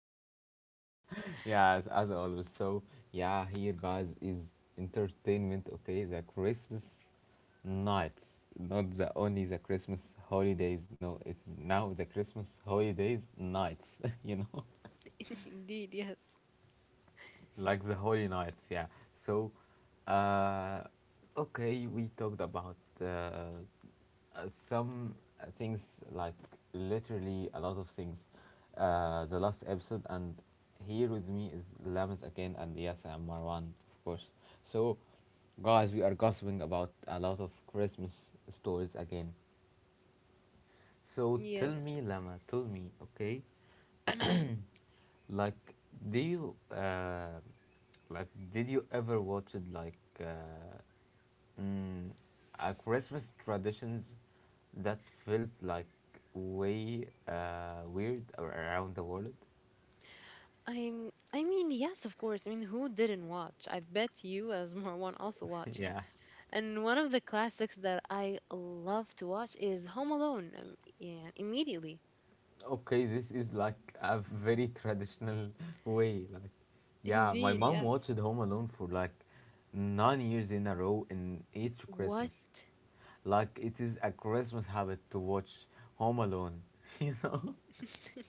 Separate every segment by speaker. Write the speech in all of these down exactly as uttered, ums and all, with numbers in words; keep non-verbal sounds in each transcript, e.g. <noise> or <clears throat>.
Speaker 1: Thank God. <laughs> Yes.
Speaker 2: Yeah, as, as always. So, yeah, here, guys, is entertainment, okay? The Christmas nights, not the only the Christmas holidays. No, it's now the Christmas holidays nights, <laughs> you know?
Speaker 1: <laughs> Indeed. Yes.
Speaker 2: Like the Holy Knights, yeah. So, uh, okay, we talked about uh, uh, some uh, things, like literally a lot of things, uh, the last episode, and here with me is Lamas again, and yes, and Marwan, of course. So, guys, we are gossiping about a lot of Christmas stories again. So, tell me,
Speaker 1: Yes.
Speaker 2: Lama, tell me, okay,
Speaker 1: Mm.
Speaker 2: like, do you uh, like did you ever watch it like uh, mm, a Christmas traditions that felt like way uh, weird or around the world?
Speaker 1: I'm I mean, yes, of course. I mean, who didn't watch? I bet you as <laughs> Marwan also watched.
Speaker 2: <laughs> Yeah.
Speaker 1: And one of the classics that I love to watch is Home Alone. Um, yeah, immediately.
Speaker 2: Okay, this is like a very traditional <laughs> way. Like, yeah, my
Speaker 1: Indeed,
Speaker 2: mom
Speaker 1: yes.
Speaker 2: watched Home Alone for like nine years in a row in each
Speaker 1: What?
Speaker 2: Christmas. Like, it is a Christmas habit to watch Home Alone. <laughs> You know.
Speaker 1: <laughs>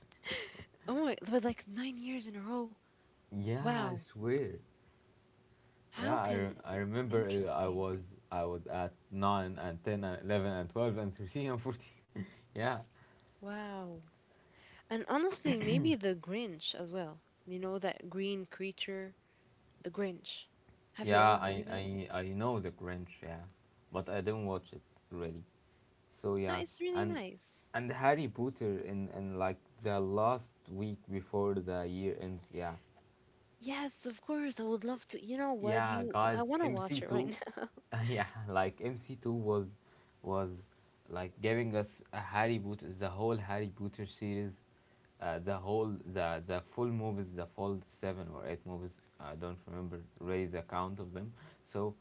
Speaker 1: Oh my, but like nine years in a row.
Speaker 2: Yeah, I
Speaker 1: Wow.
Speaker 2: swear. Yeah,
Speaker 1: How
Speaker 2: I, re-
Speaker 1: can
Speaker 2: I remember uh, I
Speaker 1: interesting.
Speaker 2: was I was at nine and ten and eleven and twelve and thirteen and fourteen. <laughs> Yeah.
Speaker 1: Wow. And honestly, maybe the Grinch as well. You know that green creature The Grinch. Have you
Speaker 2: Yeah,
Speaker 1: ever heard
Speaker 2: I,
Speaker 1: of it?
Speaker 2: I I know The Grinch, yeah. But I didn't watch it really. So
Speaker 1: No,
Speaker 2: yeah,
Speaker 1: it's really
Speaker 2: and
Speaker 1: nice.
Speaker 2: and Harry Potter in in like the last week before the year ends, yeah.
Speaker 1: Yes, of course. I would love to. You know what?
Speaker 2: Yeah,
Speaker 1: You,
Speaker 2: guys,
Speaker 1: I want to watch it right
Speaker 2: M C two,
Speaker 1: now.
Speaker 2: <laughs> yeah, like M C two was was like giving us a Harry Potter, the whole Harry Potter series, uh, the whole the the full movies, the full seven or eight movies. I don't remember really the count of them. So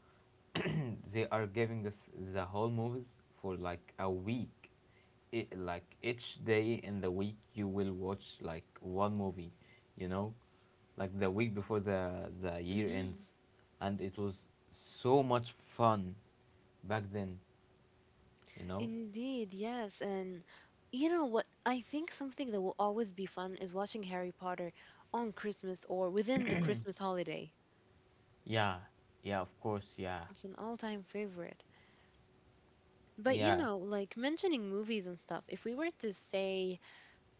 Speaker 2: they are giving us the whole movies for like a week it, like each day in the week you will watch like one movie, you know, like the week before the the
Speaker 1: <laughs>
Speaker 2: year
Speaker 1: Hmm.
Speaker 2: ends, and it was so much fun back then, you know.
Speaker 1: Indeed, yes. And you know what? I think something that will always be fun is watching Harry Potter on Christmas or within the Christmas holiday.
Speaker 2: Yeah, yeah, of course, yeah.
Speaker 1: It's an all-time favorite. But you
Speaker 2: Yeah,
Speaker 1: know, like mentioning movies and stuff, if we were to say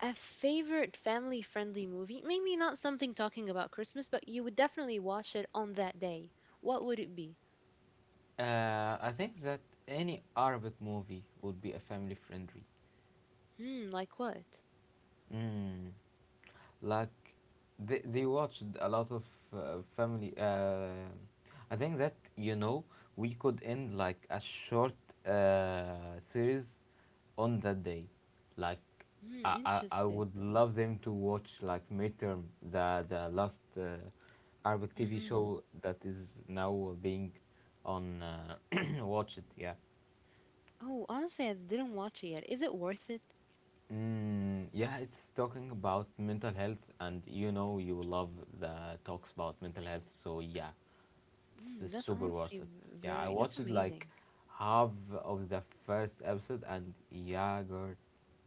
Speaker 1: a favorite family friendly movie? Maybe not something talking about Christmas, but you would definitely watch it on that day. What would it be?
Speaker 2: uh, I think that any Arabic movie would be a family friendly.
Speaker 1: Hmm, like what?
Speaker 2: mm. Like, they they watched a lot of uh, family. Uh, I think that you know we could end like a short uh, series on that day, like.
Speaker 1: Hmm,
Speaker 2: I, I, I
Speaker 1: interesting.
Speaker 2: would love them to watch like midterm, the the last uh, Arabic T V
Speaker 1: Hmm.
Speaker 2: show that is now being on uh, <clears throat> watch it, yeah.
Speaker 1: Oh, honestly, I didn't watch it yet. Is it worth it?
Speaker 2: Mm, yeah, it's talking about mental health, and you know you love the talks about mental health, so yeah,
Speaker 1: Mm,
Speaker 2: it's
Speaker 1: that's
Speaker 2: super
Speaker 1: honestly
Speaker 2: worth it.
Speaker 1: v-
Speaker 2: Yeah, I
Speaker 1: very, that's
Speaker 2: watched like
Speaker 1: amazing.
Speaker 2: half of the first episode, and yeah, girl,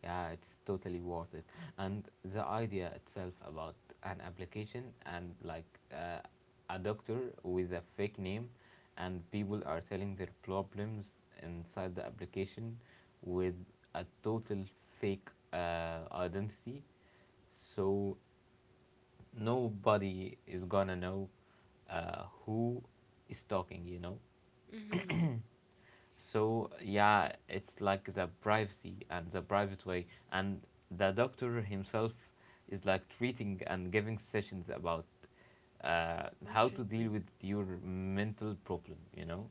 Speaker 2: yeah, it's totally worth it. And the idea itself about an application and like uh, a doctor with a fake name, and people are telling their problems inside the application with a total fake uh, identity, so nobody is gonna know uh, who is talking, you know.
Speaker 1: Hmm.
Speaker 2: So yeah, it's like the privacy and the private way, and the doctor himself is like treating and giving sessions about uh, how to deal
Speaker 1: Interesting.
Speaker 2: with your mental problem, you know.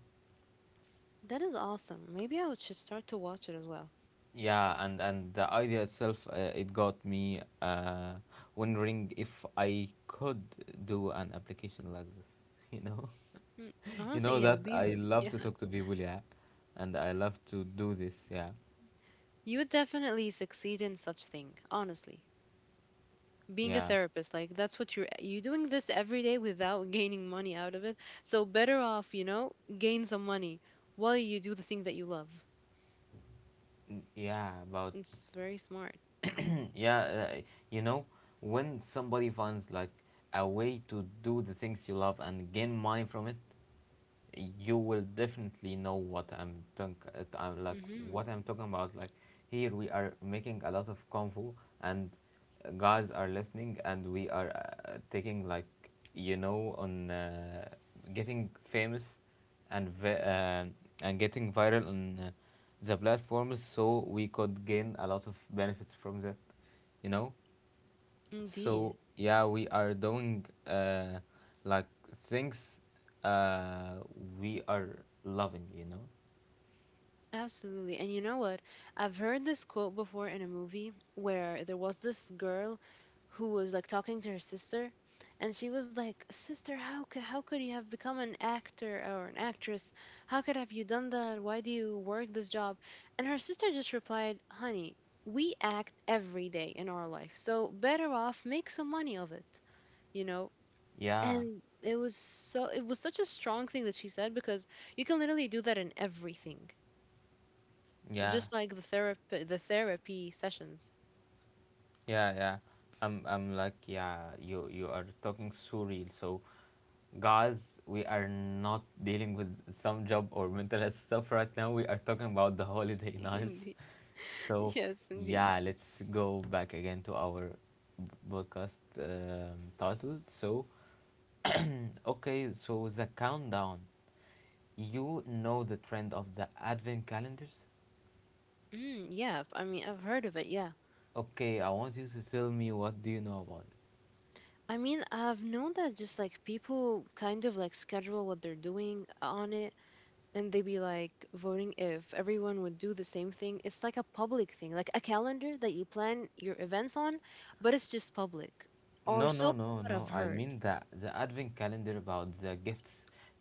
Speaker 1: That is awesome. Maybe I would should start to watch it as well.
Speaker 2: Yeah, and and the idea itself uh, it got me uh, wondering if I could do an application like this, <laughs> you know.
Speaker 1: Mm,
Speaker 2: <laughs> You
Speaker 1: honestly,
Speaker 2: know
Speaker 1: yeah,
Speaker 2: that
Speaker 1: we,
Speaker 2: I
Speaker 1: <laughs> yeah,
Speaker 2: love to talk to people, yeah, and I love to do this, yeah,
Speaker 1: you would definitely succeed in such thing, honestly. Being a
Speaker 2: yeah,
Speaker 1: therapist, like that's what you're you doing this every day without <laughs> gaining money out of it. So better off, you know gain some money while you do the thing that you love.
Speaker 2: N- yeah. About
Speaker 1: It's very smart.
Speaker 2: <clears throat> yeah, uh, you know, when somebody finds like a way to do the things you love and gain money from it, you will definitely know what I'm talking. I'm like
Speaker 1: Hmm.
Speaker 2: what I'm talking about. Like, here we are making a lot of convo, and guys are listening, and we are uh, taking like, you know, on uh, getting famous and vi- uh, and getting viral on uh, the platforms, so we could gain a lot of benefits from that. You know. So
Speaker 1: Indeed.
Speaker 2: yeah, we are doing uh, like things uh, we are loving, you know.
Speaker 1: Absolutely. And you know what? I've heard this quote before in a movie where there was this girl who was like talking to her sister and she was like, "Sister, how c- how could you have become an actor or an actress? How could have you done that? Why do you work this job?" And her sister just replied, "Honey, we act every day in our life. So better off make some money of it, you know?"
Speaker 2: Yeah,
Speaker 1: And it was so it was such a strong thing that she said because you can literally do that in everything,
Speaker 2: yeah,
Speaker 1: just like the therapy the therapy sessions.
Speaker 2: yeah, yeah. I'm I'm like yeah. You you are talking surreal. So guys, we are not dealing with some job or mental health stuff right now. We are talking about the holiday
Speaker 1: <laughs>
Speaker 2: nights. <laughs>
Speaker 1: Indeed.
Speaker 2: So
Speaker 1: Yes, indeed.
Speaker 2: yeah, let's go back again to our podcast um, title. So okay, so the countdown. You know the trend of the advent calendars?
Speaker 1: Mm, yeah, I mean, I've heard of it, yeah.
Speaker 2: Okay, I want you to tell me what do you know about it.
Speaker 1: I mean, I've known that just like people kind of like schedule what they're doing on it and they be like voting if everyone would do the same thing. It's like a public thing, like a calendar that you plan your events on, but it's just public. Or
Speaker 2: No, no,
Speaker 1: so
Speaker 2: no,
Speaker 1: what I've
Speaker 2: no. I
Speaker 1: heard.
Speaker 2: mean the the advent calendar about the gifts,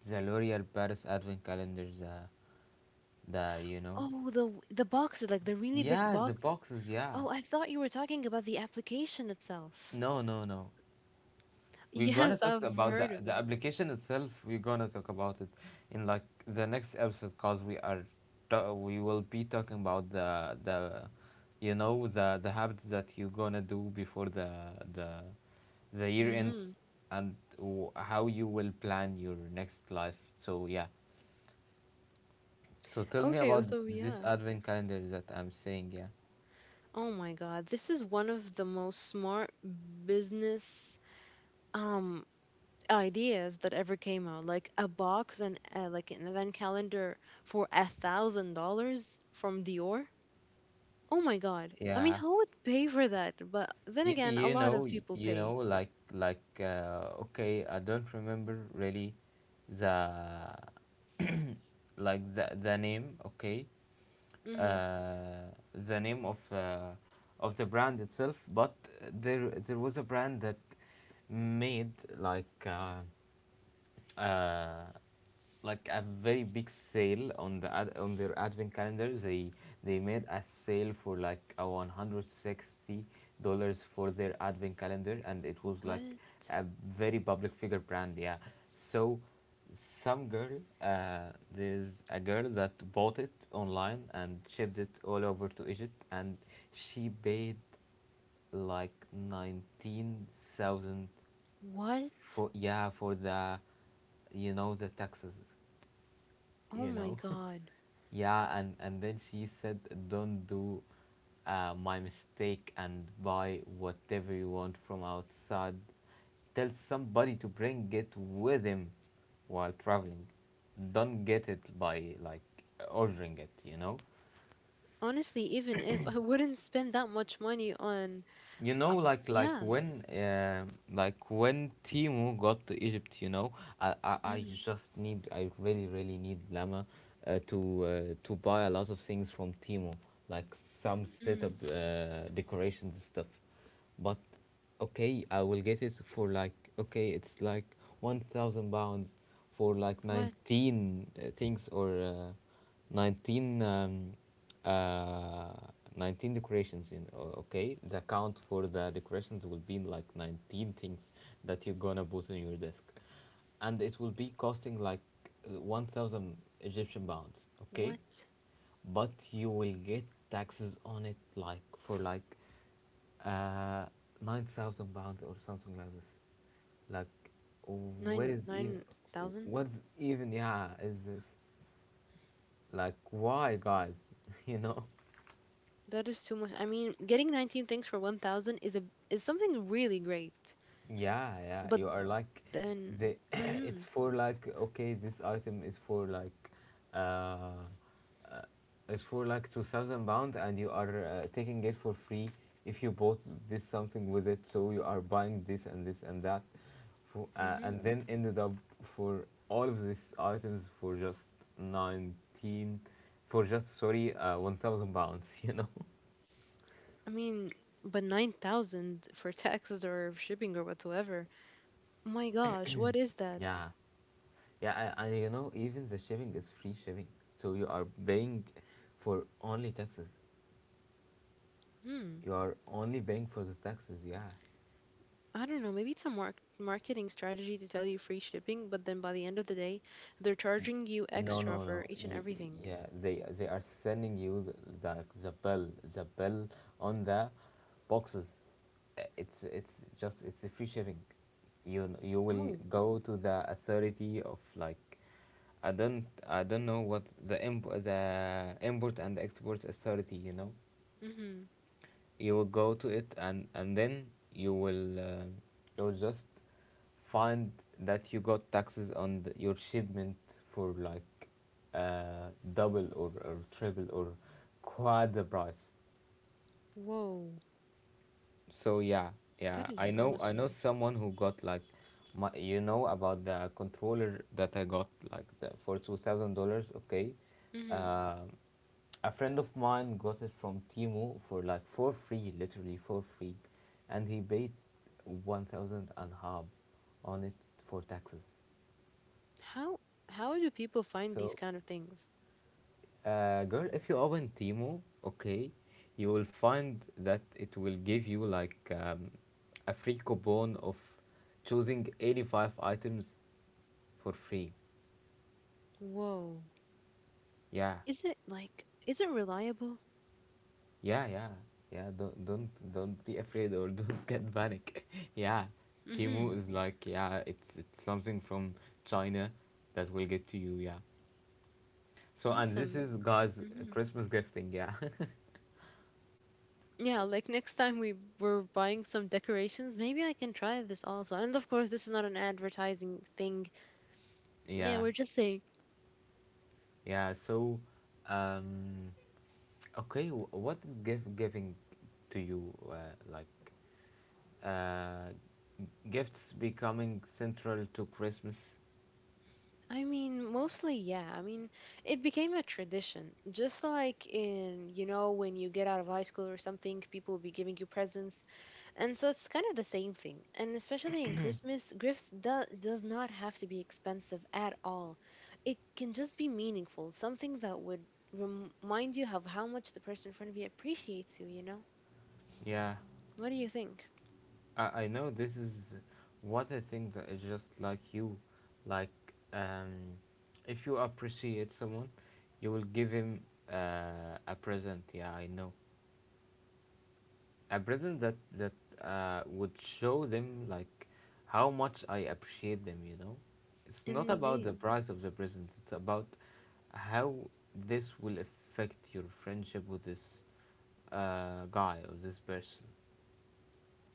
Speaker 2: the L'Oreal Paris advent calendar, the the you know.
Speaker 1: Oh, the w- the boxes, like the really big
Speaker 2: Yeah, the
Speaker 1: boxes.
Speaker 2: boxes. Yeah.
Speaker 1: Oh, I thought you were talking about the application itself.
Speaker 2: No, no, no. We're gonna
Speaker 1: Yes,
Speaker 2: talk
Speaker 1: I've
Speaker 2: about the
Speaker 1: heard of
Speaker 2: the
Speaker 1: it.
Speaker 2: application itself. We're gonna talk about it in like the next episode, cause we are ta- we will be talking about the the you know the the habits that you're gonna do before the the the year ends
Speaker 1: Hmm.
Speaker 2: and w- how you will plan your next life. So yeah. So tell me
Speaker 1: Okay, uh,
Speaker 2: about
Speaker 1: so
Speaker 2: this
Speaker 1: yeah.
Speaker 2: advent calendar that I'm saying. Yeah.
Speaker 1: Oh my God, this is one of the most smart business um ideas that ever came out. Like a box and uh, like an event calendar for a thousand dollars from Dior. Oh my God. I mean,
Speaker 2: Yeah.
Speaker 1: who would pay for that? But then
Speaker 2: Y-
Speaker 1: again, a
Speaker 2: you
Speaker 1: lot
Speaker 2: know
Speaker 1: of
Speaker 2: y-
Speaker 1: people
Speaker 2: you
Speaker 1: pay.
Speaker 2: know like like uh, okay, I don't remember really the like the the name, okay,
Speaker 1: Hmm.
Speaker 2: uh the name of uh, of the brand itself, but there there was a brand that made like uh, uh, like a very big sale on the ad- on their advent calendar. They they made a sale for like a one hundred sixty dollars for their advent calendar, and it was like
Speaker 1: What?
Speaker 2: a very public figure brand. Yeah, so some girl uh, there's a girl that bought it online and shipped it all over to Egypt, and she paid like nineteen thousand
Speaker 1: What?
Speaker 2: for, yeah, for the you know the taxes,
Speaker 1: Oh
Speaker 2: you
Speaker 1: my
Speaker 2: know.
Speaker 1: God.
Speaker 2: <laughs> Yeah, and and then she said, don't do uh, my mistake and buy whatever you want from outside, tell somebody to bring it with him while traveling, don't get it by like ordering it, you know.
Speaker 1: Honestly, even if I wouldn't spend that much money on
Speaker 2: You know
Speaker 1: a,
Speaker 2: like like
Speaker 1: yeah.
Speaker 2: when um like when Timu got to Egypt, you know, I, I, I
Speaker 1: Mm,
Speaker 2: just need I really really need Lama uh, to uh, to buy a lot of things from Timu, like some setup
Speaker 1: mm.
Speaker 2: uh, decorations and stuff. But okay, I will get it for like okay, it's like one thousand pounds for like
Speaker 1: What?
Speaker 2: nineteen uh, things or uh, nineteen um, uh, nineteen decorations in o- okay. The count for the decorations will be like nineteen things that you're gonna put on your desk, and it will be costing like uh, one thousand Egyptian pounds. Okay,
Speaker 1: What?
Speaker 2: but you will get taxes on it like for like uh, nine thousand pounds or something like this. Like, what
Speaker 1: Nine
Speaker 2: is even?
Speaker 1: nine thousand?
Speaker 2: What's even? Yeah, is this like why, guys? <laughs> You know?
Speaker 1: That is too much. I mean, getting nineteen things for one thousand is a is something really great.
Speaker 2: Yeah, yeah,
Speaker 1: But
Speaker 2: you are like
Speaker 1: then,
Speaker 2: the <clears throat>
Speaker 1: mm-hmm,
Speaker 2: it's for like okay, this item is for like uh, uh it's for like two thousand pound and you are uh, taking it for free if you bought this something with it, so you are buying this and this and that for, uh, and
Speaker 1: mm-hmm.
Speaker 2: then ended up for all of these items for just nineteen, for just, sorry, uh, one thousand pounds, <laughs> you know.
Speaker 1: I mean, but nine thousand <laughs> for taxes or shipping or whatsoever. My gosh, what is that?
Speaker 2: Yeah. Yeah, and and you know, even the shipping is free shipping. So you are paying for only taxes.
Speaker 1: Hmm.
Speaker 2: You are only paying for the taxes. Yeah.
Speaker 1: I don't know. Maybe it's a mark marketing strategy to tell you free shipping, but then by the end of the day, they're charging you
Speaker 2: No,
Speaker 1: extra
Speaker 2: no,
Speaker 1: for
Speaker 2: no.
Speaker 1: each and
Speaker 2: Y-
Speaker 1: everything.
Speaker 2: yeah, they they are sending you the the, the bill, the bill on the boxes. Uh, It's it's just it's a free shipping. You kn- you will
Speaker 1: Oh.
Speaker 2: go to the authority of like I don't I don't know what the imp- the import and export authority. You know.
Speaker 1: Mm-hmm.
Speaker 2: You will go to it and and then you will uh, you will just find that you got taxes on the, your shipment for like uh, double or, or triple or quad the price,
Speaker 1: Whoa.
Speaker 2: so yeah, yeah,
Speaker 1: That
Speaker 2: I
Speaker 1: is
Speaker 2: know I know
Speaker 1: honestly.
Speaker 2: someone who got like my, you know about the controller that I got like the, for two thousand dollars. Okay,
Speaker 1: hmm
Speaker 2: um, a friend of mine got it from Timu for like for free, literally for free, and he paid one thousand and half on it for taxes.
Speaker 1: How how do people find these
Speaker 2: So
Speaker 1: kind of things?
Speaker 2: Uh, girl, if you open Timo, okay, you will find that it will give you like um, a free coupon of choosing eighty-five items for free.
Speaker 1: Whoa.
Speaker 2: Yeah,
Speaker 1: Is it like is it reliable?
Speaker 2: yeah, yeah, yeah. Don't don't don't be afraid or <laughs> don't get panic. <laughs> Yeah, Timo
Speaker 1: Hmm.
Speaker 2: is like yeah, it's it's something from China that will get to you. Yeah. So and this
Speaker 1: Awesome.
Speaker 2: is guys
Speaker 1: Hmm.
Speaker 2: Christmas gifting. Yeah,
Speaker 1: Yeah, like next time we were buying some decorations, maybe I can try this also. And of course, this is not an advertising thing. Yeah,
Speaker 2: <laughs> yeah,
Speaker 1: we're just saying.
Speaker 2: yeah. So, um. Okay, wh- what is gift giving to you? Uh, like, uh, gifts becoming central to Christmas?
Speaker 1: I mean, mostly, yeah. I mean, it became a tradition. Just like in, you know, when you get out of high school or something, people will be giving you presents. And so it's kind of the same thing. And especially in Christmas, gifts do- does not have to be expensive at all. It can just be meaningful, something that would remind you of how much the person in front of you appreciates you, you know?
Speaker 2: Yeah,
Speaker 1: What do you think?
Speaker 2: I, I know this is what I think that is just like you. Like, um, if you appreciate someone, you will give him uh, a present. Yeah, I know. A present that that uh, would show them like how much I appreciate them. You know, it's not about the
Speaker 1: Indeed.
Speaker 2: price of the present. It's about how this will affect your friendship with this uh, guy or this person.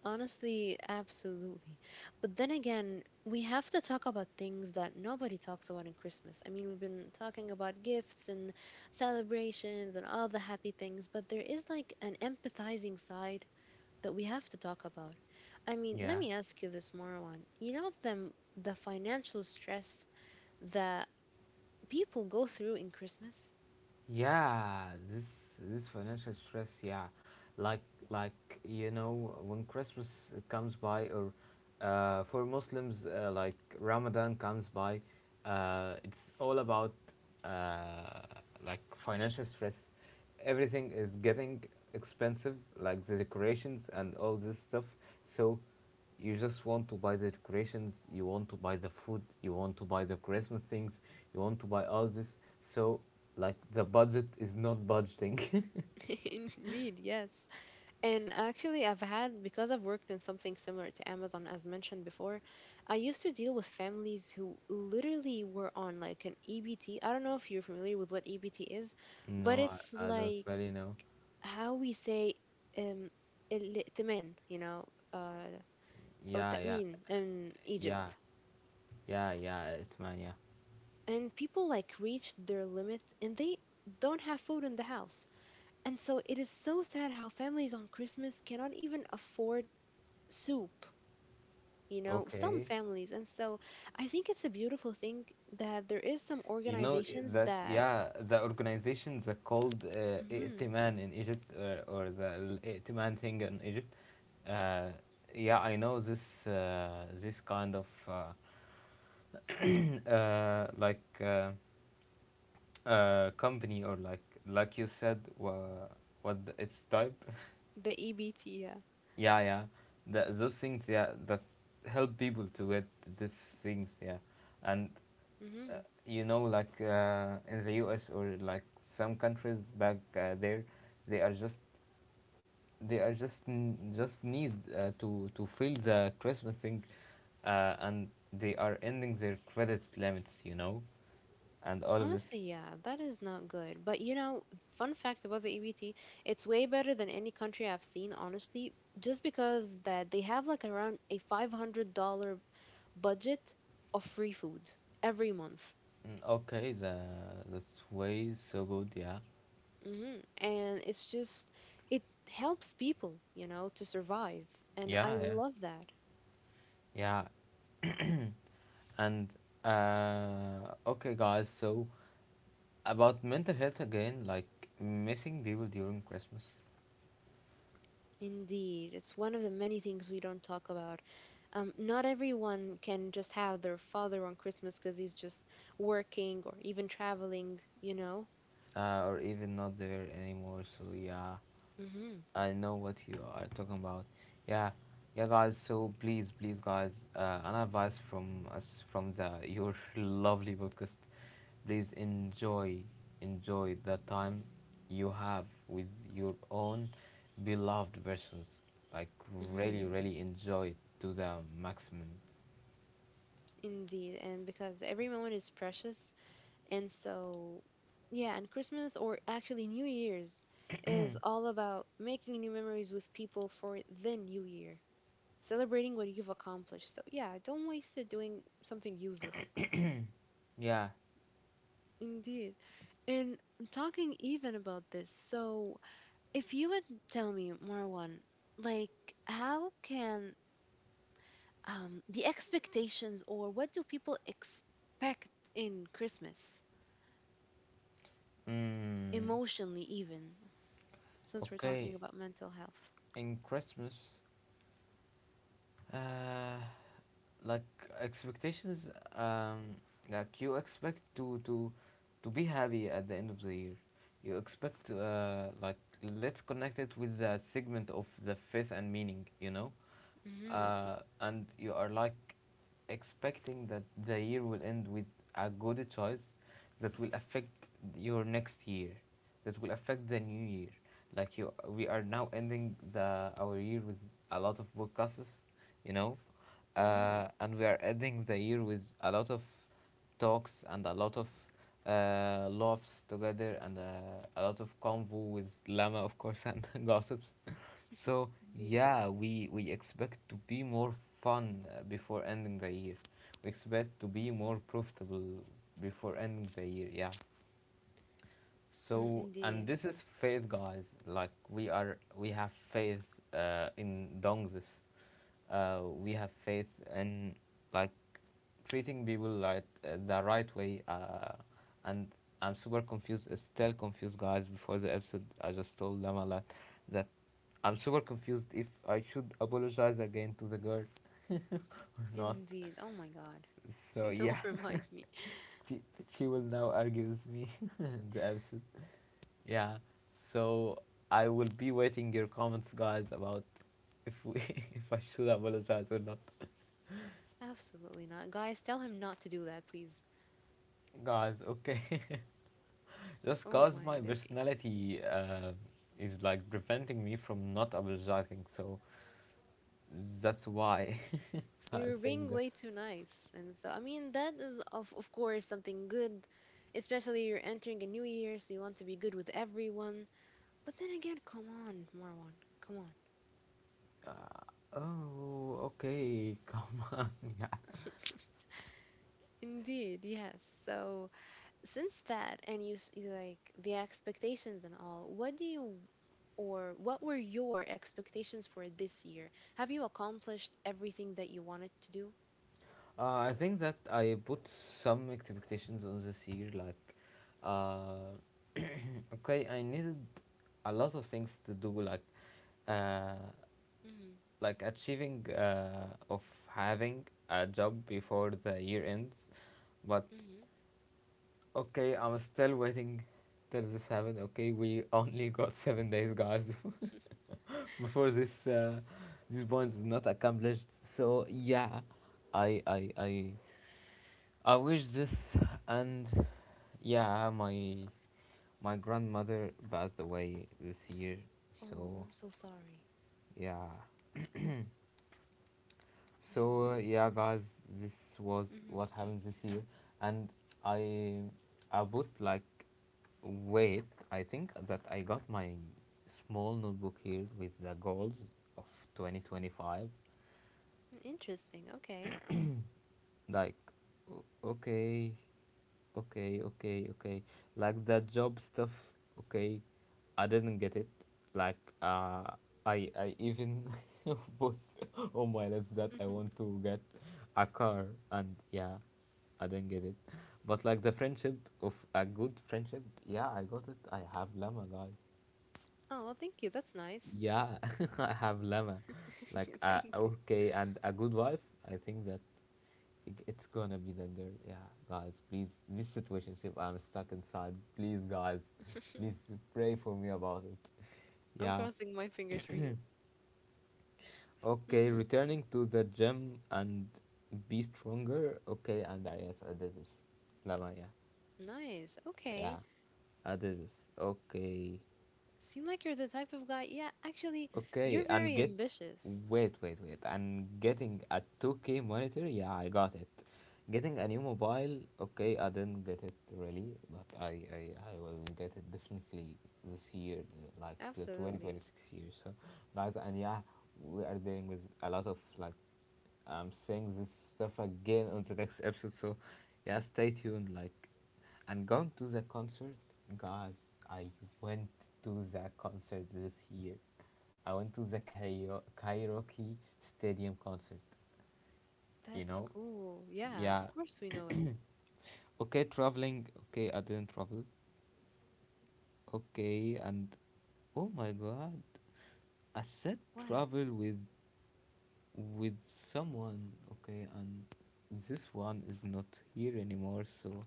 Speaker 1: Honestly, absolutely. But then again, we have to talk about things that nobody talks about in Christmas. I mean, we've been talking about gifts and celebrations and all the happy things, but there is like an empathizing side that we have to talk about. I mean, let
Speaker 2: Yeah.
Speaker 1: me ask you this, Marwan. You know them the financial stress that people go through in Christmas?
Speaker 2: Yeah, this this financial stress, yeah, like like you know, when Christmas comes by, or uh, for Muslims, uh, like Ramadan comes by, uh, it's all about uh, like financial stress. Everything is getting expensive, like the decorations and all this stuff. So you just want to buy the decorations, you want to buy the food, you want to buy the Christmas things, you want to buy all this. So, like, the budget is not budgeting.
Speaker 1: <laughs> Indeed, yes. And actually, I've had, because I've worked in something similar to Amazon, as mentioned before, I used to deal with families who literally were on like an E B T. I don't know if you're familiar with what E B T is,
Speaker 2: <laughs>
Speaker 1: but
Speaker 2: no,
Speaker 1: it's
Speaker 2: I, I don't
Speaker 1: like
Speaker 2: really know.
Speaker 1: how we say um الائتمان, you know, uh, or
Speaker 2: Yeah, yeah,
Speaker 1: Ta'min in
Speaker 2: yeah,
Speaker 1: Egypt.
Speaker 2: yeah, yeah, it's man, yeah.
Speaker 1: And people like reach their limit and they don't have food in the house. And so it is so sad how families on Christmas cannot even afford soup, you know, some
Speaker 2: Okay.
Speaker 1: families. And so I think it's a beautiful thing that there is some
Speaker 2: You know I-
Speaker 1: organizations
Speaker 2: that,
Speaker 1: that,
Speaker 2: Yeah, the organization that called uh,
Speaker 1: hmm
Speaker 2: Itiman in Egypt, uh, or the Itiman thing in Egypt, uh, yeah, I know this uh, this kind of uh, uh, like uh, uh company, or like like you said wha what the, its type. <laughs>
Speaker 1: the E B T, yeah.
Speaker 2: yeah, yeah, the, those things, yeah, that help people to get these things, yeah. And uh,
Speaker 1: Mm-hmm.
Speaker 2: you know, like uh, in the U S, or like some countries back uh, there, they are just, they are just n- just need uh, to to fill the Christmas thing, uh, and they are ending their credit limits, you know, and all of this.
Speaker 1: Honestly, yeah, that is not good. But you know, fun fact about the E B T, it's way better than any country I've seen, honestly, just because that they have like around a five hundred dollars budget of free food every month.
Speaker 2: Mm, okay, the that's way so good, yeah.
Speaker 1: hmm And it's just, it helps people, you know, to survive. And I
Speaker 2: Yeah, yeah,
Speaker 1: love that.
Speaker 2: yeah. And uh, okay, guys. So about mental health again, like missing people during Christmas,
Speaker 1: Indeed, it's one of the many things we don't talk about. Um, not everyone can just have their father on Christmas because he's just working or even traveling, you know?
Speaker 2: uh, or even not there anymore. So yeah,
Speaker 1: Mm-hmm.
Speaker 2: I know what you are talking about. Yeah, yeah, guys. So please, please, guys, uh, an advice from us, from the your <laughs> lovely podcast. Please enjoy, enjoy the time you have with your own beloved persons. Like
Speaker 1: Mm-hmm.
Speaker 2: really, really enjoy it to the maximum.
Speaker 1: Indeed. And because every moment is precious. And so, yeah, and Christmas or actually New Year's is all about making new memories with people for the new year, celebrating what you've accomplished. So, yeah, don't waste it doing something useless.
Speaker 2: Yeah.
Speaker 1: Indeed. And talking even about this, so if you would tell me, Marwan, like how can um the expectations or what do people expect in Christmas
Speaker 2: Mm,
Speaker 1: emotionally even since we're talking
Speaker 2: okay.
Speaker 1: about mental health?
Speaker 2: In Christmas, uh, like expectations, um like you expect to to to be happy at the end of the year. You expect, uh like, let's connect it with the segment of the faith and meaning, you know.
Speaker 1: Mhm.
Speaker 2: Uh and you are like expecting that the year will end with a good choice that will affect your next year, that will affect the new year. Like you, we are now ending the our year with a lot of podcasts, you know,
Speaker 1: Mhm.
Speaker 2: uh, and we are ending the year with a lot of talks and a lot of uh, laughs together, and uh, a lot of convo with Lama, of course, and <laughs> gossips. So
Speaker 1: Indeed.
Speaker 2: yeah, we we expect to be more fun uh, before ending the year. We expect to be more profitable before ending the year. Yeah.
Speaker 1: Mm,
Speaker 2: So, and
Speaker 1: indeed.
Speaker 2: this is faith, guys. Like we are, we have faith uh, in dongzis. Uh, we have faith in, like, treating people like, uh, the right way. Uh, and I'm super confused, uh, still confused, guys. Before the episode, I just told them a lot that I'm super confused if I should apologize again to the girl, or not.
Speaker 1: Indeed. Oh my God.
Speaker 2: So
Speaker 1: <laughs>
Speaker 2: yeah,
Speaker 1: Don't remind me.
Speaker 2: <laughs> she she will now argue with me <laughs> in the episode. Yeah. So I will be waiting your comments, guys, about if we <laughs> if I should apologize or not,
Speaker 1: Absolutely not. Guys, tell him not to do that, please.
Speaker 2: guys. Okay. <laughs> Just
Speaker 1: Oh
Speaker 2: cause
Speaker 1: my
Speaker 2: my
Speaker 1: <laughs> day.
Speaker 2: personality uh, is like preventing me from not apologizing, so that's why <laughs> I'm
Speaker 1: You're
Speaker 2: saying
Speaker 1: being
Speaker 2: that.
Speaker 1: way too nice. And so, I mean, that is, of, of course, something good, especially you're entering a new year, so you want to be good with everyone. But then again, come on, Marwan, come on.
Speaker 2: Uh, oh, okay. <laughs> Come on, yeah.
Speaker 1: Indeed, yes. So, since that, and you s- like the expectations and all, what do you or what were your expectations for this year? Have you accomplished everything that you wanted to do?
Speaker 2: Uh, I think that I put some expectations on this year. Like, uh, <coughs> <clears throat> okay, I needed a lot of things to do. Like, uh,
Speaker 1: Hmm.
Speaker 2: like achieving uh, of having a job before the year ends. But
Speaker 1: Hmm.
Speaker 2: okay, I'm still waiting till this happens. Okay, we only got seven days, guys, <laughs> before this uh, this point is not accomplished. So yeah, I I I I wish this. And yeah, my my grandmother passed away this year.
Speaker 1: Oh,
Speaker 2: So
Speaker 1: I'm so sorry.
Speaker 2: yeah.
Speaker 1: I.
Speaker 2: So uh, yeah, guys, this was what
Speaker 1: Hmm.
Speaker 2: happened this year, and I I bought, like, wait, I think that I got my small notebook here with the goals of twenty twenty-five.
Speaker 1: Interesting. Okay.
Speaker 2: Like, o- okay, okay, okay, okay. Like the job stuff, okay. I didn't get it. Like, uh, I I even <laughs> put on my list that I want to get a car, and yeah, I didn't get it. But like the friendship, of a good friendship, yeah, I got it. I have llama, guys.
Speaker 1: Oh, thank you. That's nice.
Speaker 2: Yeah, <laughs> I have llama. Like,
Speaker 1: <laughs>
Speaker 2: uh,
Speaker 1: Thank you.
Speaker 2: okay, and a good wife. I think that it- it's gonna be the girl. Yeah, guys, please. This situation, I'm stuck inside. Please, guys, please pray for me about it.
Speaker 1: I'm
Speaker 2: Yeah.
Speaker 1: crossing my fingers for you.
Speaker 2: Okay,
Speaker 1: Hmm.
Speaker 2: returning to the gym and be stronger. Okay, and I yes, I did this. Lama, yeah.
Speaker 1: Nice.
Speaker 2: Yeah,
Speaker 1: Okay.
Speaker 2: I did this. Okay.
Speaker 1: Seem like you're the type of guy. Yeah, actually,
Speaker 2: Okay,
Speaker 1: you're
Speaker 2: and
Speaker 1: very
Speaker 2: get,
Speaker 1: ambitious.
Speaker 2: wait, wait, wait. And getting a two K monitor, yeah, I got it. Getting a new mobile, okay, I didn't get it really, but I I, I will get it definitely this year, like the
Speaker 1: Absolutely.
Speaker 2: twenty twenty-six year. So, guys, and yeah, we are dealing with a lot of, like, I'm saying this stuff again on the next episode. So, yeah, stay tuned. Like, I'm going to the concert, guys. I went to the concert this year. I went to the Kairo- karaoke stadium concert. You
Speaker 1: That's
Speaker 2: know,
Speaker 1: cool. Yeah,
Speaker 2: yeah.
Speaker 1: of course we know it.
Speaker 2: Okay, traveling. Okay, I didn't travel. Okay, and oh my god, I said
Speaker 1: What?
Speaker 2: travel with with someone. Okay, and this one is not here anymore. So.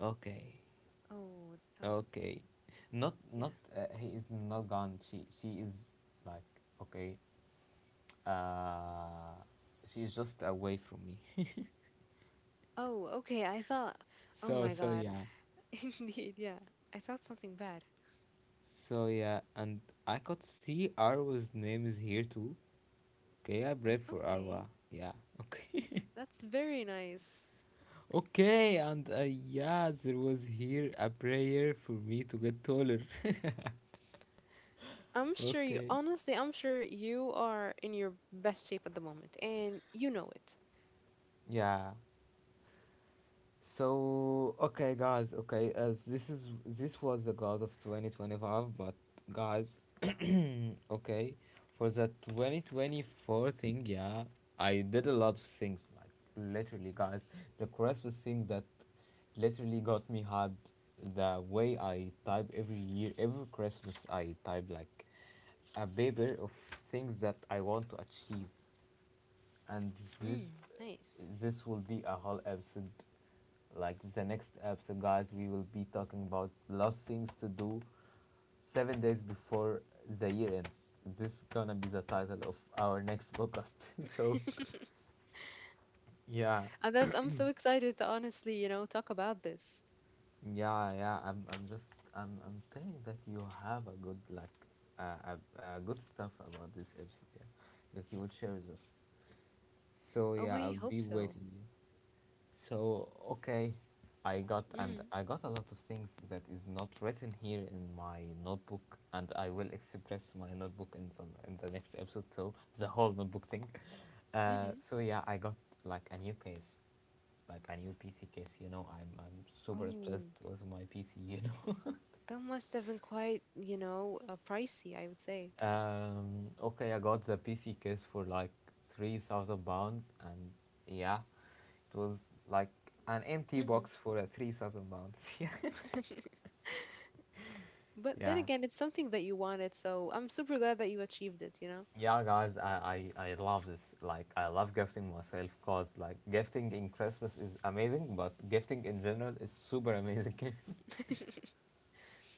Speaker 2: Okay,
Speaker 1: Oh, don't.
Speaker 2: okay. Not
Speaker 1: Yeah.
Speaker 2: not uh, he is not gone. She she is like, okay. Uh, she is just away from me. <laughs>
Speaker 1: Oh, okay. I thought. Oh
Speaker 2: so
Speaker 1: my
Speaker 2: so
Speaker 1: God.
Speaker 2: yeah,
Speaker 1: <laughs> Indeed. Yeah. I thought something bad.
Speaker 2: so yeah, and I could see Arwa's name is here too. Okay, I prayed for
Speaker 1: Okay.
Speaker 2: Arwa. Yeah. Okay.
Speaker 1: That's very nice.
Speaker 2: <laughs> okay, and uh, yeah, there was here a prayer for me to get taller. <laughs>
Speaker 1: I'm sure you,
Speaker 2: okay.
Speaker 1: honestly, I'm sure you are in your best shape at the moment, and you know it.
Speaker 2: Yeah. So okay, guys. Okay, as this is this was the goals of twenty twenty-five, but guys, mm, okay, for the twenty twenty-four thing, yeah, I did a lot of things, like literally, guys. The Christmas thing that literally got me hyped. The way I type every year, every Christmas, I type like a paper of things that I want to achieve, and this
Speaker 1: Mm, nice.
Speaker 2: this will be a whole episode. Like, the next episode, guys, we will be talking about last things to do seven days before the year ends. This is gonna be the title of our next podcast. <laughs> so
Speaker 1: <laughs>
Speaker 2: yeah.
Speaker 1: And that's, I'm so excited to honestly, you know, talk about this.
Speaker 2: Yeah, yeah, i'm, I'm just, I'm, I'm saying that you have a good, like, uh, uh, uh, good stuff about this episode, yeah, that you will share with us. So
Speaker 1: Oh,
Speaker 2: yeah,
Speaker 1: I
Speaker 2: I'll
Speaker 1: hope
Speaker 2: be
Speaker 1: so.
Speaker 2: waiting you. So okay, I got and
Speaker 1: Mm,
Speaker 2: I got a lot of things that is not written here in my notebook, and I will express my notebook in some in the next episode. So the whole notebook thing.
Speaker 1: mm-hmm.
Speaker 2: Uh, so yeah, I got, like, a new case, like a new P C case. You know, I'm I'm super
Speaker 1: Oh,
Speaker 2: obsessed with my P C. You know.
Speaker 1: that must have been quite, you know, uh, pricey, I would say.
Speaker 2: <laughs> um. Okay, I got the P C case for like three thousand pounds, and yeah, it was like an empty
Speaker 1: Mm-hmm.
Speaker 2: box for a three thousand pounds. <laughs> yeah.
Speaker 1: <laughs> But then
Speaker 2: Yeah,
Speaker 1: again, it's something that you wanted, so I'm super glad that you achieved it, you know?
Speaker 2: yeah, guys, I, I, I love this. Like, I love gifting myself because, like, gifting in Christmas is amazing, but gifting in general is super amazing.
Speaker 1: <laughs>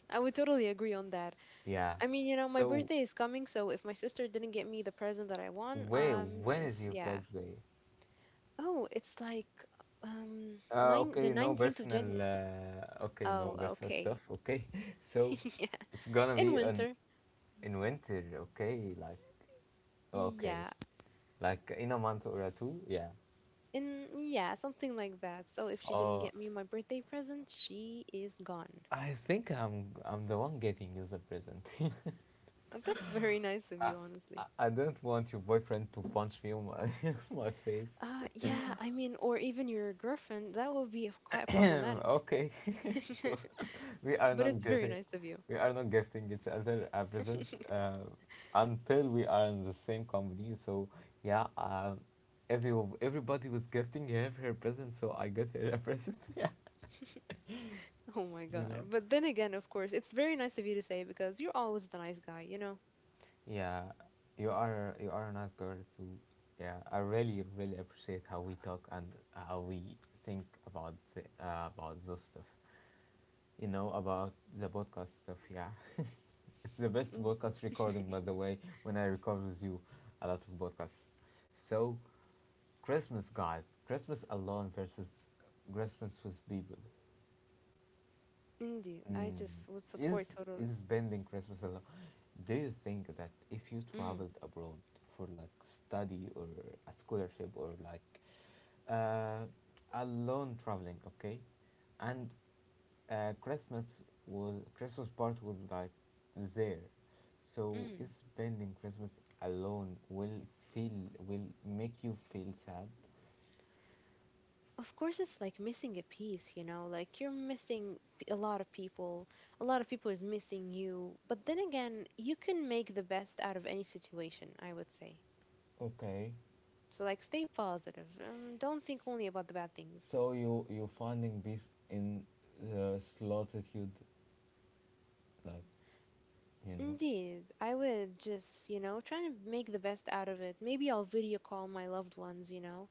Speaker 1: I would totally agree on that.
Speaker 2: <laughs> yeah.
Speaker 1: I mean, you know, my
Speaker 2: So,
Speaker 1: birthday is coming, so if my sister didn't get me the present that I want,
Speaker 2: where,
Speaker 1: I'm
Speaker 2: when is
Speaker 1: just,
Speaker 2: your
Speaker 1: yeah.
Speaker 2: birthday?
Speaker 1: Oh, it's like um
Speaker 2: Uh,
Speaker 1: nine the
Speaker 2: okay, no
Speaker 1: nineteenth of Jan.
Speaker 2: personal, uh, okay, no
Speaker 1: Oh,
Speaker 2: personal stuff,
Speaker 1: okay.
Speaker 2: okay. <laughs> So,
Speaker 1: <laughs> Yeah.
Speaker 2: it's gonna
Speaker 1: In
Speaker 2: be on,
Speaker 1: winter.
Speaker 2: in winter, okay? Like, okay,
Speaker 1: Yeah.
Speaker 2: like in a month or a two, yeah.
Speaker 1: In yeah, something like that. So if she didn't
Speaker 2: Uh,
Speaker 1: get me my birthday present, she is gone.
Speaker 2: I think I'm, I'm the one getting you the present. <laughs>
Speaker 1: Uh, That's very nice of
Speaker 2: I,
Speaker 1: you, honestly.
Speaker 2: I, I don't want your boyfriend to punch me on my, <laughs> my face.
Speaker 1: Uh, yeah, I mean, or even your girlfriend, that would be quite problematic.
Speaker 2: <clears throat> okay, <laughs> so
Speaker 1: <laughs>
Speaker 2: we are
Speaker 1: But
Speaker 2: not
Speaker 1: it's very
Speaker 2: getting,
Speaker 1: nice of you.
Speaker 2: we are not gifting each other a present
Speaker 1: <laughs>
Speaker 2: uh, until we are in the same company. So yeah, um, every everybody was gifting her her present, so I got her a present. <laughs> yeah,
Speaker 1: Oh my
Speaker 2: you
Speaker 1: God.
Speaker 2: know.
Speaker 1: But then again, of course, it's very nice of you to say because you're always the nice guy, you know?
Speaker 2: Yeah, you are you are a nice girl too. Yeah, I really really appreciate how we talk, and how we think about the, uh, about those stuff, you know, about the podcast stuff. Yeah, it's the best
Speaker 1: Mm.
Speaker 2: podcast recording,
Speaker 1: <laughs>
Speaker 2: by the way, when I record with you a lot of podcasts. So, Christmas, guys, Christmas alone versus Christmas with people.
Speaker 1: Indeed. I
Speaker 2: Mm.
Speaker 1: just would
Speaker 2: Is
Speaker 1: support totally.
Speaker 2: is spending Christmas alone? Do you think that if you
Speaker 1: Mm,
Speaker 2: traveled abroad for like study or a scholarship, or like, uh, alone traveling, okay, and uh, Christmas, was Christmas part was like there, so is
Speaker 1: mm.
Speaker 2: spending Christmas alone will feel will make you feel sad.
Speaker 1: Of course, it's like missing a piece, you know, like you're missing p- a lot of people. A lot of people is missing you. But then again, you can make the best out of any situation, I would say.
Speaker 2: Okay,
Speaker 1: So, like, stay positive. Um, don't think only about the bad things.
Speaker 2: so you you finding peace in the solitude, like, you know,
Speaker 1: Indeed, I would just, you know, try to make the best out of it. Maybe I'll video call my loved ones, you know.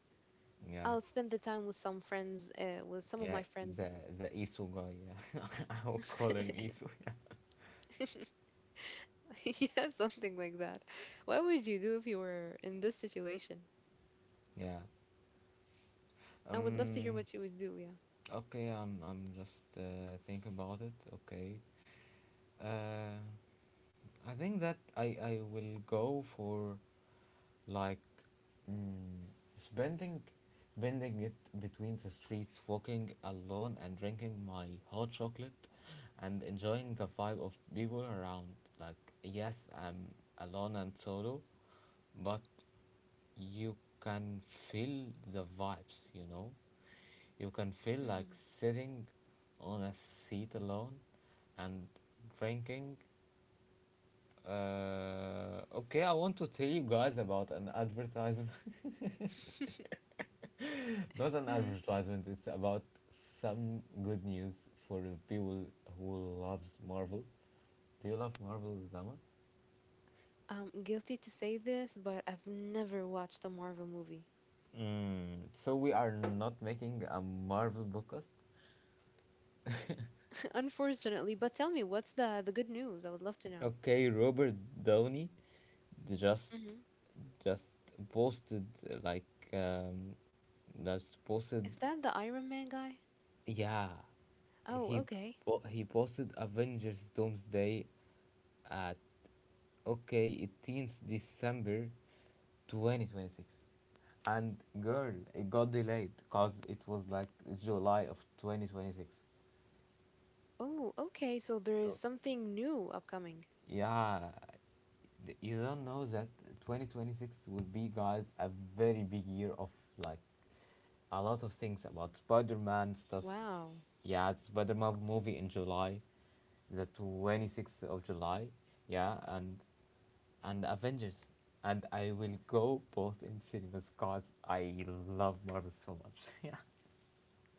Speaker 2: yeah,
Speaker 1: I'll spend the time with some friends, uh, with some of
Speaker 2: yeah,
Speaker 1: my
Speaker 2: the
Speaker 1: friends.
Speaker 2: the Isu guy, yeah, <laughs> I will call him
Speaker 1: <laughs>
Speaker 2: Isu,
Speaker 1: Yeah, something like that. What would you do if you were in this situation?
Speaker 2: yeah.
Speaker 1: I would love to hear
Speaker 2: Um,
Speaker 1: what you would do, yeah.
Speaker 2: okay, I'm I'm just uh, think about it. Okay, uh. I think that I, I will go for, like, mm, spending spending it between the streets, walking alone and drinking my hot chocolate and enjoying the vibe of people around. Like, yes, I'm alone and solo, but you can feel the vibes, you know? You can feel like sitting on a seat alone and drinking, uh, okay, I want to tell you guys about an advertisement.
Speaker 1: Mm-hmm.
Speaker 2: <laughs> Not an
Speaker 1: Mm-hmm.
Speaker 2: advertisement, it's about some good news for people who loves Marvel. Do you love Marvel, Zama?
Speaker 1: <laughs> I'm guilty to say this, but I've never watched a Marvel movie.
Speaker 2: Mm, so we are not making a Marvel podcast.
Speaker 1: <laughs> Unfortunately, but tell me, what's the the good news? I would love to know.
Speaker 2: Okay, Robert Downey just
Speaker 1: Mm-hmm.
Speaker 2: just posted uh, like um, just posted,
Speaker 1: Is that the Iron Man guy?
Speaker 2: yeah,
Speaker 1: Oh,
Speaker 2: he
Speaker 1: okay.
Speaker 2: po- he posted Avengers Doomsday at Okay, it ends December twenty twenty-six. And girl, it got delayed because it was like July of twenty twenty-six.
Speaker 1: Oh, okay. So there is
Speaker 2: So,
Speaker 1: something new upcoming.
Speaker 2: yeah, th- you don't know that twenty twenty-six will be, guys, a very big year of like a lot of things about Spider Man stuff.
Speaker 1: Wow.
Speaker 2: Yeah, Spider Man movie in July, the twenty-sixth of July. Yeah, and and Avengers. And I will go both in cinemas because I love Marvel so much. <laughs> Yeah.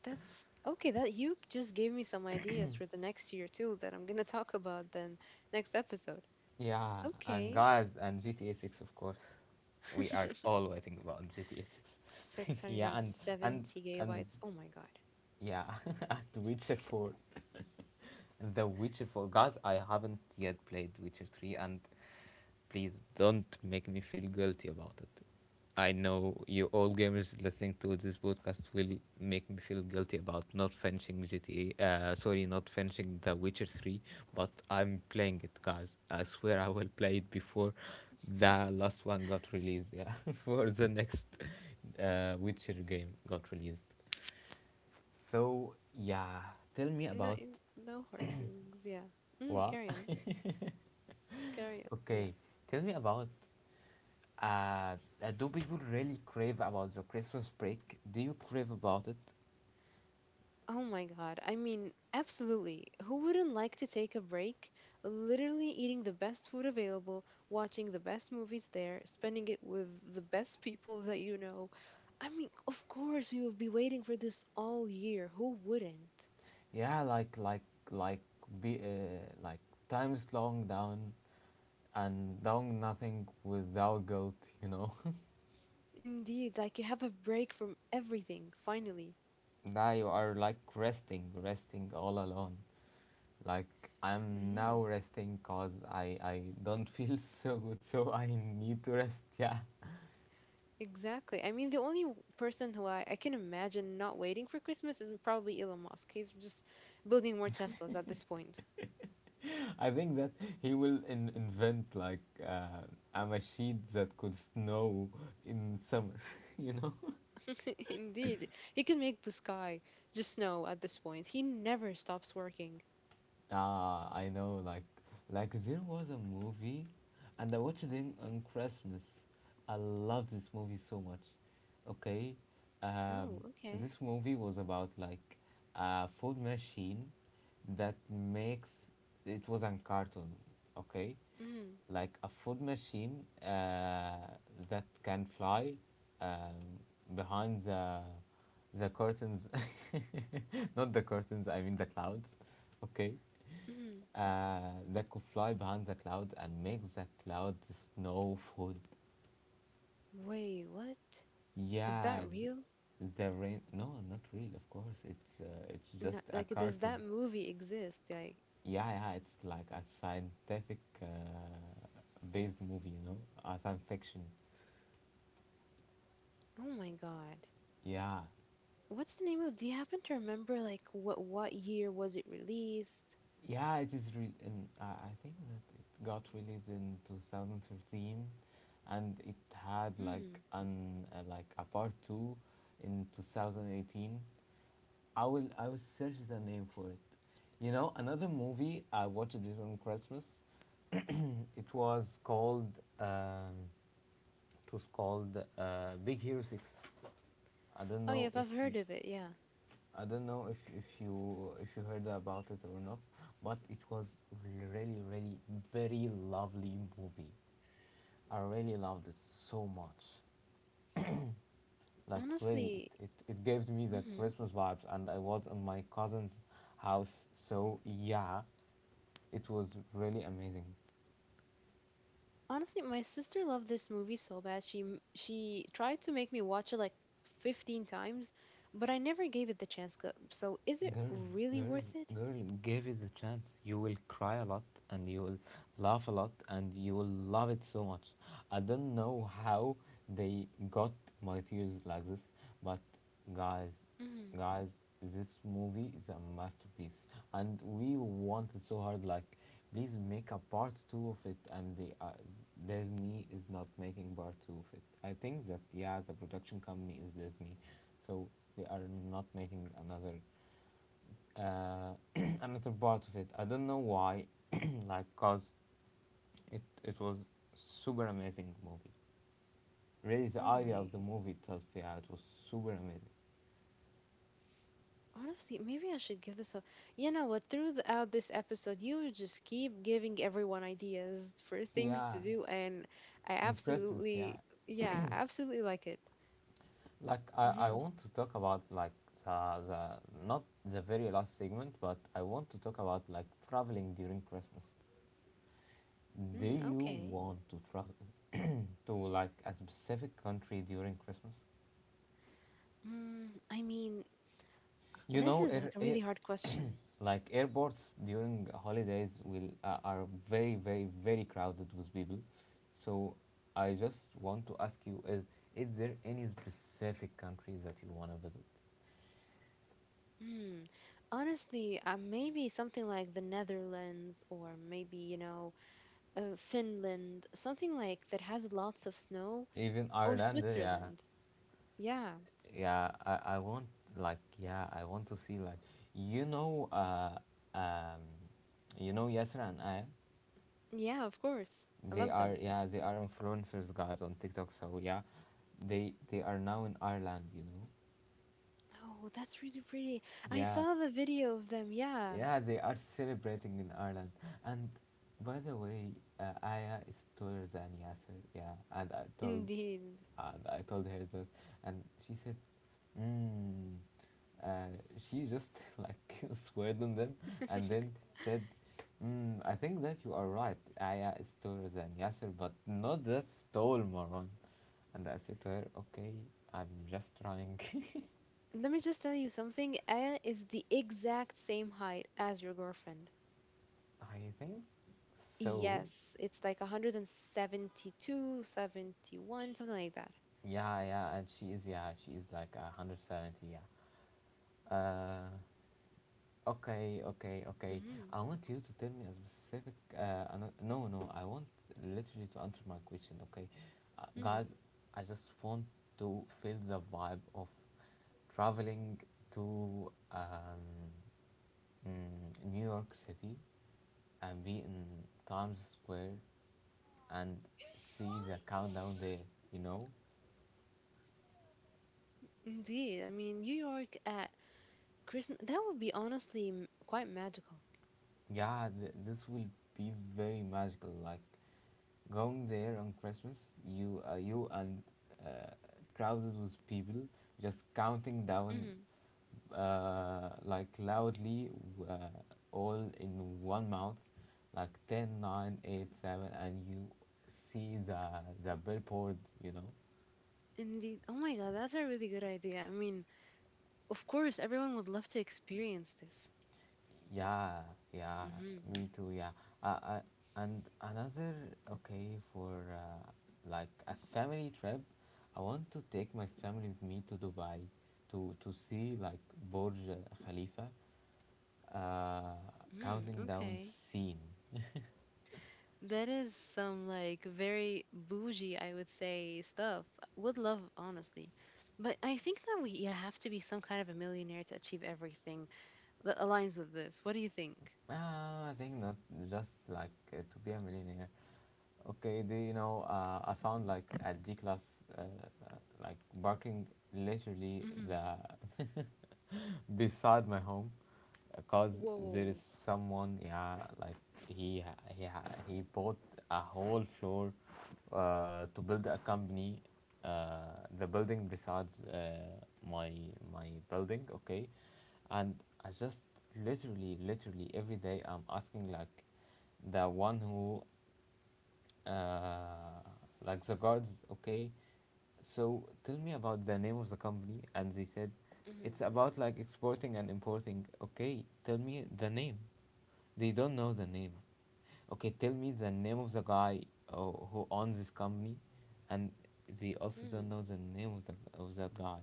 Speaker 1: That's okay. That you just gave me some ideas for the next year too that I'm gonna talk about then next episode.
Speaker 2: Yeah, and
Speaker 1: Okay.
Speaker 2: guys, and G T A six, of course. We are
Speaker 1: <laughs>
Speaker 2: all waiting about G T A six. <laughs> Yeah, and and
Speaker 1: six hundred seventy
Speaker 2: and
Speaker 1: gigabytes. Oh my God.
Speaker 2: yeah, <laughs> and Witcher four.
Speaker 1: <laughs>
Speaker 2: The Witcher four. Guys, I haven't yet played Witcher three, and please don't make me feel guilty about it. I know you all gamers listening to this podcast will make me feel guilty about not finishing G T A. Uh, sorry, not finishing The Witcher three, but I'm playing it, guys. I swear I will play it before the last one got released. Yeah, <laughs> for the next uh, Witcher game got released. So yeah, tell me
Speaker 1: No,
Speaker 2: about
Speaker 1: in, no hard feelings. Yeah. Mm,
Speaker 2: what.
Speaker 1: carry on.
Speaker 2: <laughs>
Speaker 1: Carry on. Yeah.
Speaker 2: Okay, tell me about uh, uh, do people really crave about the Christmas break? Do you crave about it?
Speaker 1: Oh my God. I mean, absolutely. Who wouldn't like to take a break? Literally eating the best food available, watching the best movies there, spending it with the best people that you know. I mean, of course, we would be waiting for this all year. Who wouldn't?
Speaker 2: Yeah, like like like be uh, like times long down and doing nothing without guilt, you know.
Speaker 1: Indeed, like you have a break from everything, finally.
Speaker 2: <laughs> Now you are like resting, resting all alone. Like I'm
Speaker 1: Hmm.
Speaker 2: now resting cause I I don't feel <laughs> so good, so I need to rest. Yeah.
Speaker 1: Exactly. I mean, the only w- person who I, I can imagine not waiting for Christmas is probably Elon Musk. He's just building more Teslas at this point.
Speaker 2: <laughs> I think that he will in- invent like uh, a machine that could snow in summer, <laughs> you know?
Speaker 1: <laughs> Indeed. He can make the sky just snow at this point. He never stops working.
Speaker 2: Ah, I know. Like, like there was a movie, and I watched it in- on Christmas. I love this movie so much. Okay,
Speaker 1: Oh,
Speaker 2: um,
Speaker 1: okay.
Speaker 2: this movie was about like a food machine that makes. It was on cartoon. Okay,
Speaker 1: Mm,
Speaker 2: like a food machine uh, that can fly um, behind the the curtains, <laughs> not the curtains. I mean the clouds. Okay,
Speaker 1: mm.
Speaker 2: uh, that could fly behind the cloud and make the cloud snow food.
Speaker 1: Wait, what? Is that
Speaker 2: Yeah,
Speaker 1: real?
Speaker 2: th- the rain. No, not real. Of course, it's uh, it's
Speaker 1: No,
Speaker 2: just a
Speaker 1: like, does
Speaker 2: cartoon.
Speaker 1: that movie exist? Like,
Speaker 2: Yeah, yeah. It's like a scientific uh, based movie. You know, a science fiction.
Speaker 1: oh my God.
Speaker 2: Yeah,
Speaker 1: What's the name of, do you happen to remember, like, what, what year was it released?
Speaker 2: yeah. It is real. And uh, I think that it got released in two thousand thirteen, and it had like
Speaker 1: Hmm.
Speaker 2: an uh, like a part two in two thousand eighteen. I will I will search the name for it. You know, another movie I watched this on Christmas. It was called um, it was called uh, Big Hero Six. I
Speaker 1: Oh,
Speaker 2: don't
Speaker 1: yeah, if
Speaker 2: know
Speaker 1: I've
Speaker 2: if
Speaker 1: heard
Speaker 2: you
Speaker 1: of it, yeah.
Speaker 2: I don't know if, if you if you heard about it or not, but it was really really very lovely movie. I really loved it so much. Like really,
Speaker 1: Honestly,
Speaker 2: it, it, it gave me the
Speaker 1: hmm,
Speaker 2: Christmas vibes, and I was on my cousin's house. So yeah, it was really amazing.
Speaker 1: honestly, my sister loved this movie so bad. She m- she tried to make me watch it like fifteen times, but I never gave it the chance. C- So is it
Speaker 2: Girl,
Speaker 1: really
Speaker 2: girl,
Speaker 1: worth it?
Speaker 2: girl, give it a chance. You will cry a lot and you will laugh a lot and you will love it so much. I don't know how they got my tears like this, but guys,
Speaker 1: Hmm.
Speaker 2: guys, this movie is a masterpiece and we want it so hard. Like, please make a part two of it, and the uh, Disney is not making part two of it. I think that, yeah, the production company is Disney, so they are not making another uh, <clears throat> and part of it. I don't know why, <clears throat> like, cause it it was super amazing movie. Really, the
Speaker 1: Oh
Speaker 2: idea
Speaker 1: my.
Speaker 2: of the movie itself, yeah, it was super amazing.
Speaker 1: Honestly, maybe I should give this a. You know what? Throughout this episode, you just keep giving everyone ideas for <laughs> things to
Speaker 2: Yeah,
Speaker 1: do, and I
Speaker 2: in Christmas, yeah.
Speaker 1: absolutely, yeah, I absolutely like it.
Speaker 2: Like, I
Speaker 1: Mm-hmm.
Speaker 2: I want to talk about like the the not the very last segment, but I want to talk about like traveling during Christmas. Do
Speaker 1: Mm,
Speaker 2: you
Speaker 1: okay.
Speaker 2: want to travel to like a specific country during Christmas?
Speaker 1: Mm, I mean,
Speaker 2: You
Speaker 1: this
Speaker 2: know,
Speaker 1: is
Speaker 2: it,
Speaker 1: like a
Speaker 2: it
Speaker 1: really hard question.
Speaker 2: like airports during holidays will uh, are very very very crowded with people, so I just want to ask you, is is there any specific country that you want to visit,
Speaker 1: Mm. Honestly, uh, maybe something like the Netherlands or maybe, you know, uh, Finland, something like that has lots of snow
Speaker 2: even
Speaker 1: or
Speaker 2: Ireland? Uh, yeah,
Speaker 1: Switzerland. Yeah,
Speaker 2: yeah I, I want like yeah i want to see like you know uh um you know Yasra and I,
Speaker 1: yeah, of course. I
Speaker 2: they
Speaker 1: love
Speaker 2: are
Speaker 1: them.
Speaker 2: yeah, they are influencers guys on TikTok. So yeah, they they are now in Ireland, you know
Speaker 1: Oh, that's really pretty. I
Speaker 2: yeah.
Speaker 1: saw the video of them. Yeah,
Speaker 2: Yeah, they are celebrating in Ireland. And by the way, uh, Aya is taller than Yasser. Yeah, and I told,
Speaker 1: indeed.
Speaker 2: and I told her that, and she said, mm, uh, she just <laughs> like <laughs> sweared on them, and
Speaker 1: <laughs>
Speaker 2: then said, mm, I think that you are right. Aya is taller than Yasser, but not that tall, moron. And I said to her, okay, I'm just trying. <laughs>
Speaker 1: Let me just tell you something. Elle is the exact same height as your girlfriend.
Speaker 2: I think so.
Speaker 1: Yes, it's like one hundred and seventy-two, seventy-one, something like that.
Speaker 2: Yeah, yeah, and she is, yeah, she is like a a hundred and seventy, yeah. Uh, okay, okay, okay.
Speaker 1: Mm-hmm.
Speaker 2: I want you to tell me a specific. Uh, ano- no, no, I want literally to answer my question, okay? Uh,
Speaker 1: Mm-hmm.
Speaker 2: guys, I just want to feel the vibe of traveling to um, mm, New York City and be in Times Square and see the countdown there, you know?
Speaker 1: Indeed, I mean New York at Christmas that would be honestly m- quite magical.
Speaker 2: Yeah, th- this will be very magical. Like going there on Christmas, you uh, you and uh, crowded with people just counting down
Speaker 1: Hmm.
Speaker 2: uh, like loudly uh, all in one mouth, like ten, nine, eight, seven, and you see the the billboard, you know,
Speaker 1: Indeed. Oh my God, that's a really good idea. I mean, of course, everyone would love to experience this.
Speaker 2: Yeah, yeah,
Speaker 1: Mm-hmm.
Speaker 2: me too. Yeah, uh, uh, and another okay for uh, like a family trip. I want to take my family with me to Dubai to to see like Burj Khalifa, uh,
Speaker 1: Mm,
Speaker 2: counting down
Speaker 1: okay.
Speaker 2: scene.
Speaker 1: That is some like very bougie, I would say, stuff. Would love, honestly. But I think that we yeah, have to be some kind of a millionaire to achieve everything that aligns with this. What do you think?
Speaker 2: Ah, I think not just like uh, to be a millionaire. Okay, do you know? Uh, I found like a G class, uh, uh, like parking literally
Speaker 1: Mm-hmm.
Speaker 2: the <laughs> beside my home. Because there is
Speaker 1: Whoa.
Speaker 2: someone, yeah, like he he he bought a whole floor uh, to build a company, uh, the building besides uh, my my building, okay. And I just literally literally every day I'm asking like the one who uh, like the guards. Okay, so tell me about the name of the company. And they said, it's about like exporting and importing. Okay, tell me the name. They don't know the name. Okay, tell me the name of the guy uh, who owns this company, and they also
Speaker 1: Mm.
Speaker 2: don't know the name of the of that guy.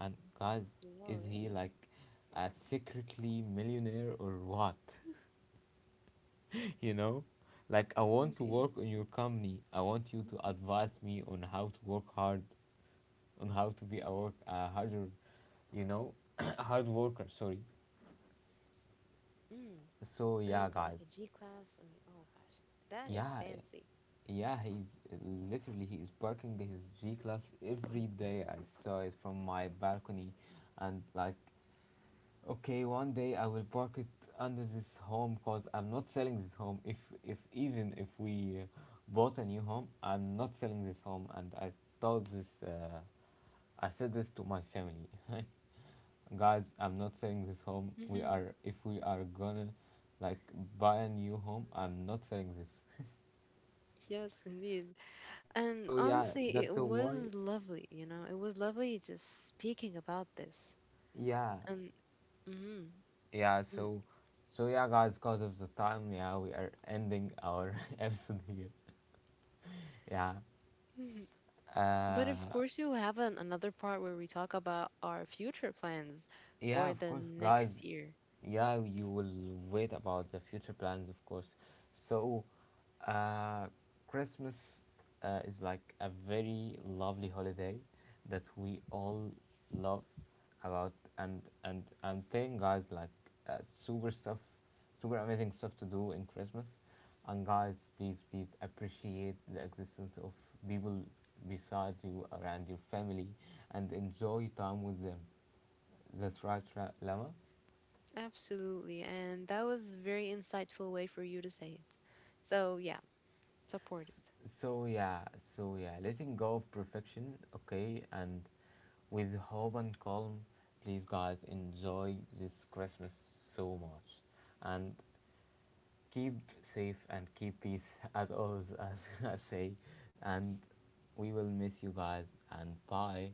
Speaker 2: And guys,
Speaker 1: Wow,
Speaker 2: is he
Speaker 1: really?
Speaker 2: like a secretly millionaire or what? <laughs> You know, like, I want to work
Speaker 1: Indeed.
Speaker 2: in your company. I want you to
Speaker 1: Mhm.
Speaker 2: advise me on how to work hard, on how to be a work a harder, you know, <coughs> <clears throat> hard worker, sorry.
Speaker 1: Mm.
Speaker 2: So
Speaker 1: I
Speaker 2: yeah,
Speaker 1: mean, but
Speaker 2: guys.
Speaker 1: like a G class, I mean, oh gosh, that is
Speaker 2: Yeah,
Speaker 1: fancy.
Speaker 2: yeah, he's literally he is parking his G class every day. I saw it from my balcony, and like, okay, one day I will park it under this home because I'm not selling this home. If if even if we uh, bought a new home, I'm not selling this home. And I told this, uh, I said this to my family, <laughs> guys. I'm not selling this home. We
Speaker 1: Hmm.
Speaker 2: are If we are gonna like buy a new home, I'm not selling this.
Speaker 1: Yes, indeed.
Speaker 2: So
Speaker 1: And
Speaker 2: yeah, that's
Speaker 1: honestly,
Speaker 2: a
Speaker 1: it
Speaker 2: why.
Speaker 1: was lovely, you know, it was lovely just speaking about this.
Speaker 2: Yeah,
Speaker 1: And mm,
Speaker 2: yeah.
Speaker 1: mm,
Speaker 2: So, so yeah, guys. Because of the time, yeah, we are ending our <laughs> episode here. Yeah.
Speaker 1: mm-hmm. But of
Speaker 2: Uh,
Speaker 1: course, you'll have an, another part where we talk about our future plans
Speaker 2: Yeah,
Speaker 1: for
Speaker 2: of
Speaker 1: the
Speaker 2: course, guys.
Speaker 1: next year.
Speaker 2: Yeah, you will wait about the future plans, of course. So, uh, Christmas uh, is like a very lovely holiday that we all love about, and and I'm telling guys like uh, super stuff, super amazing stuff to do in Christmas, and guys, please please appreciate the existence of people besides you around your family, and enjoy time with them. That's right, right, Lama.
Speaker 1: Absolutely. And that was a very insightful way for you to say it. So, yeah, support it.
Speaker 2: S- So yeah, so yeah, letting go of perfection, okay, and with hope and calm, please guys enjoy this Christmas so much, and keep safe and keep peace <laughs> as always as <laughs> I say, and we will miss you guys and bye.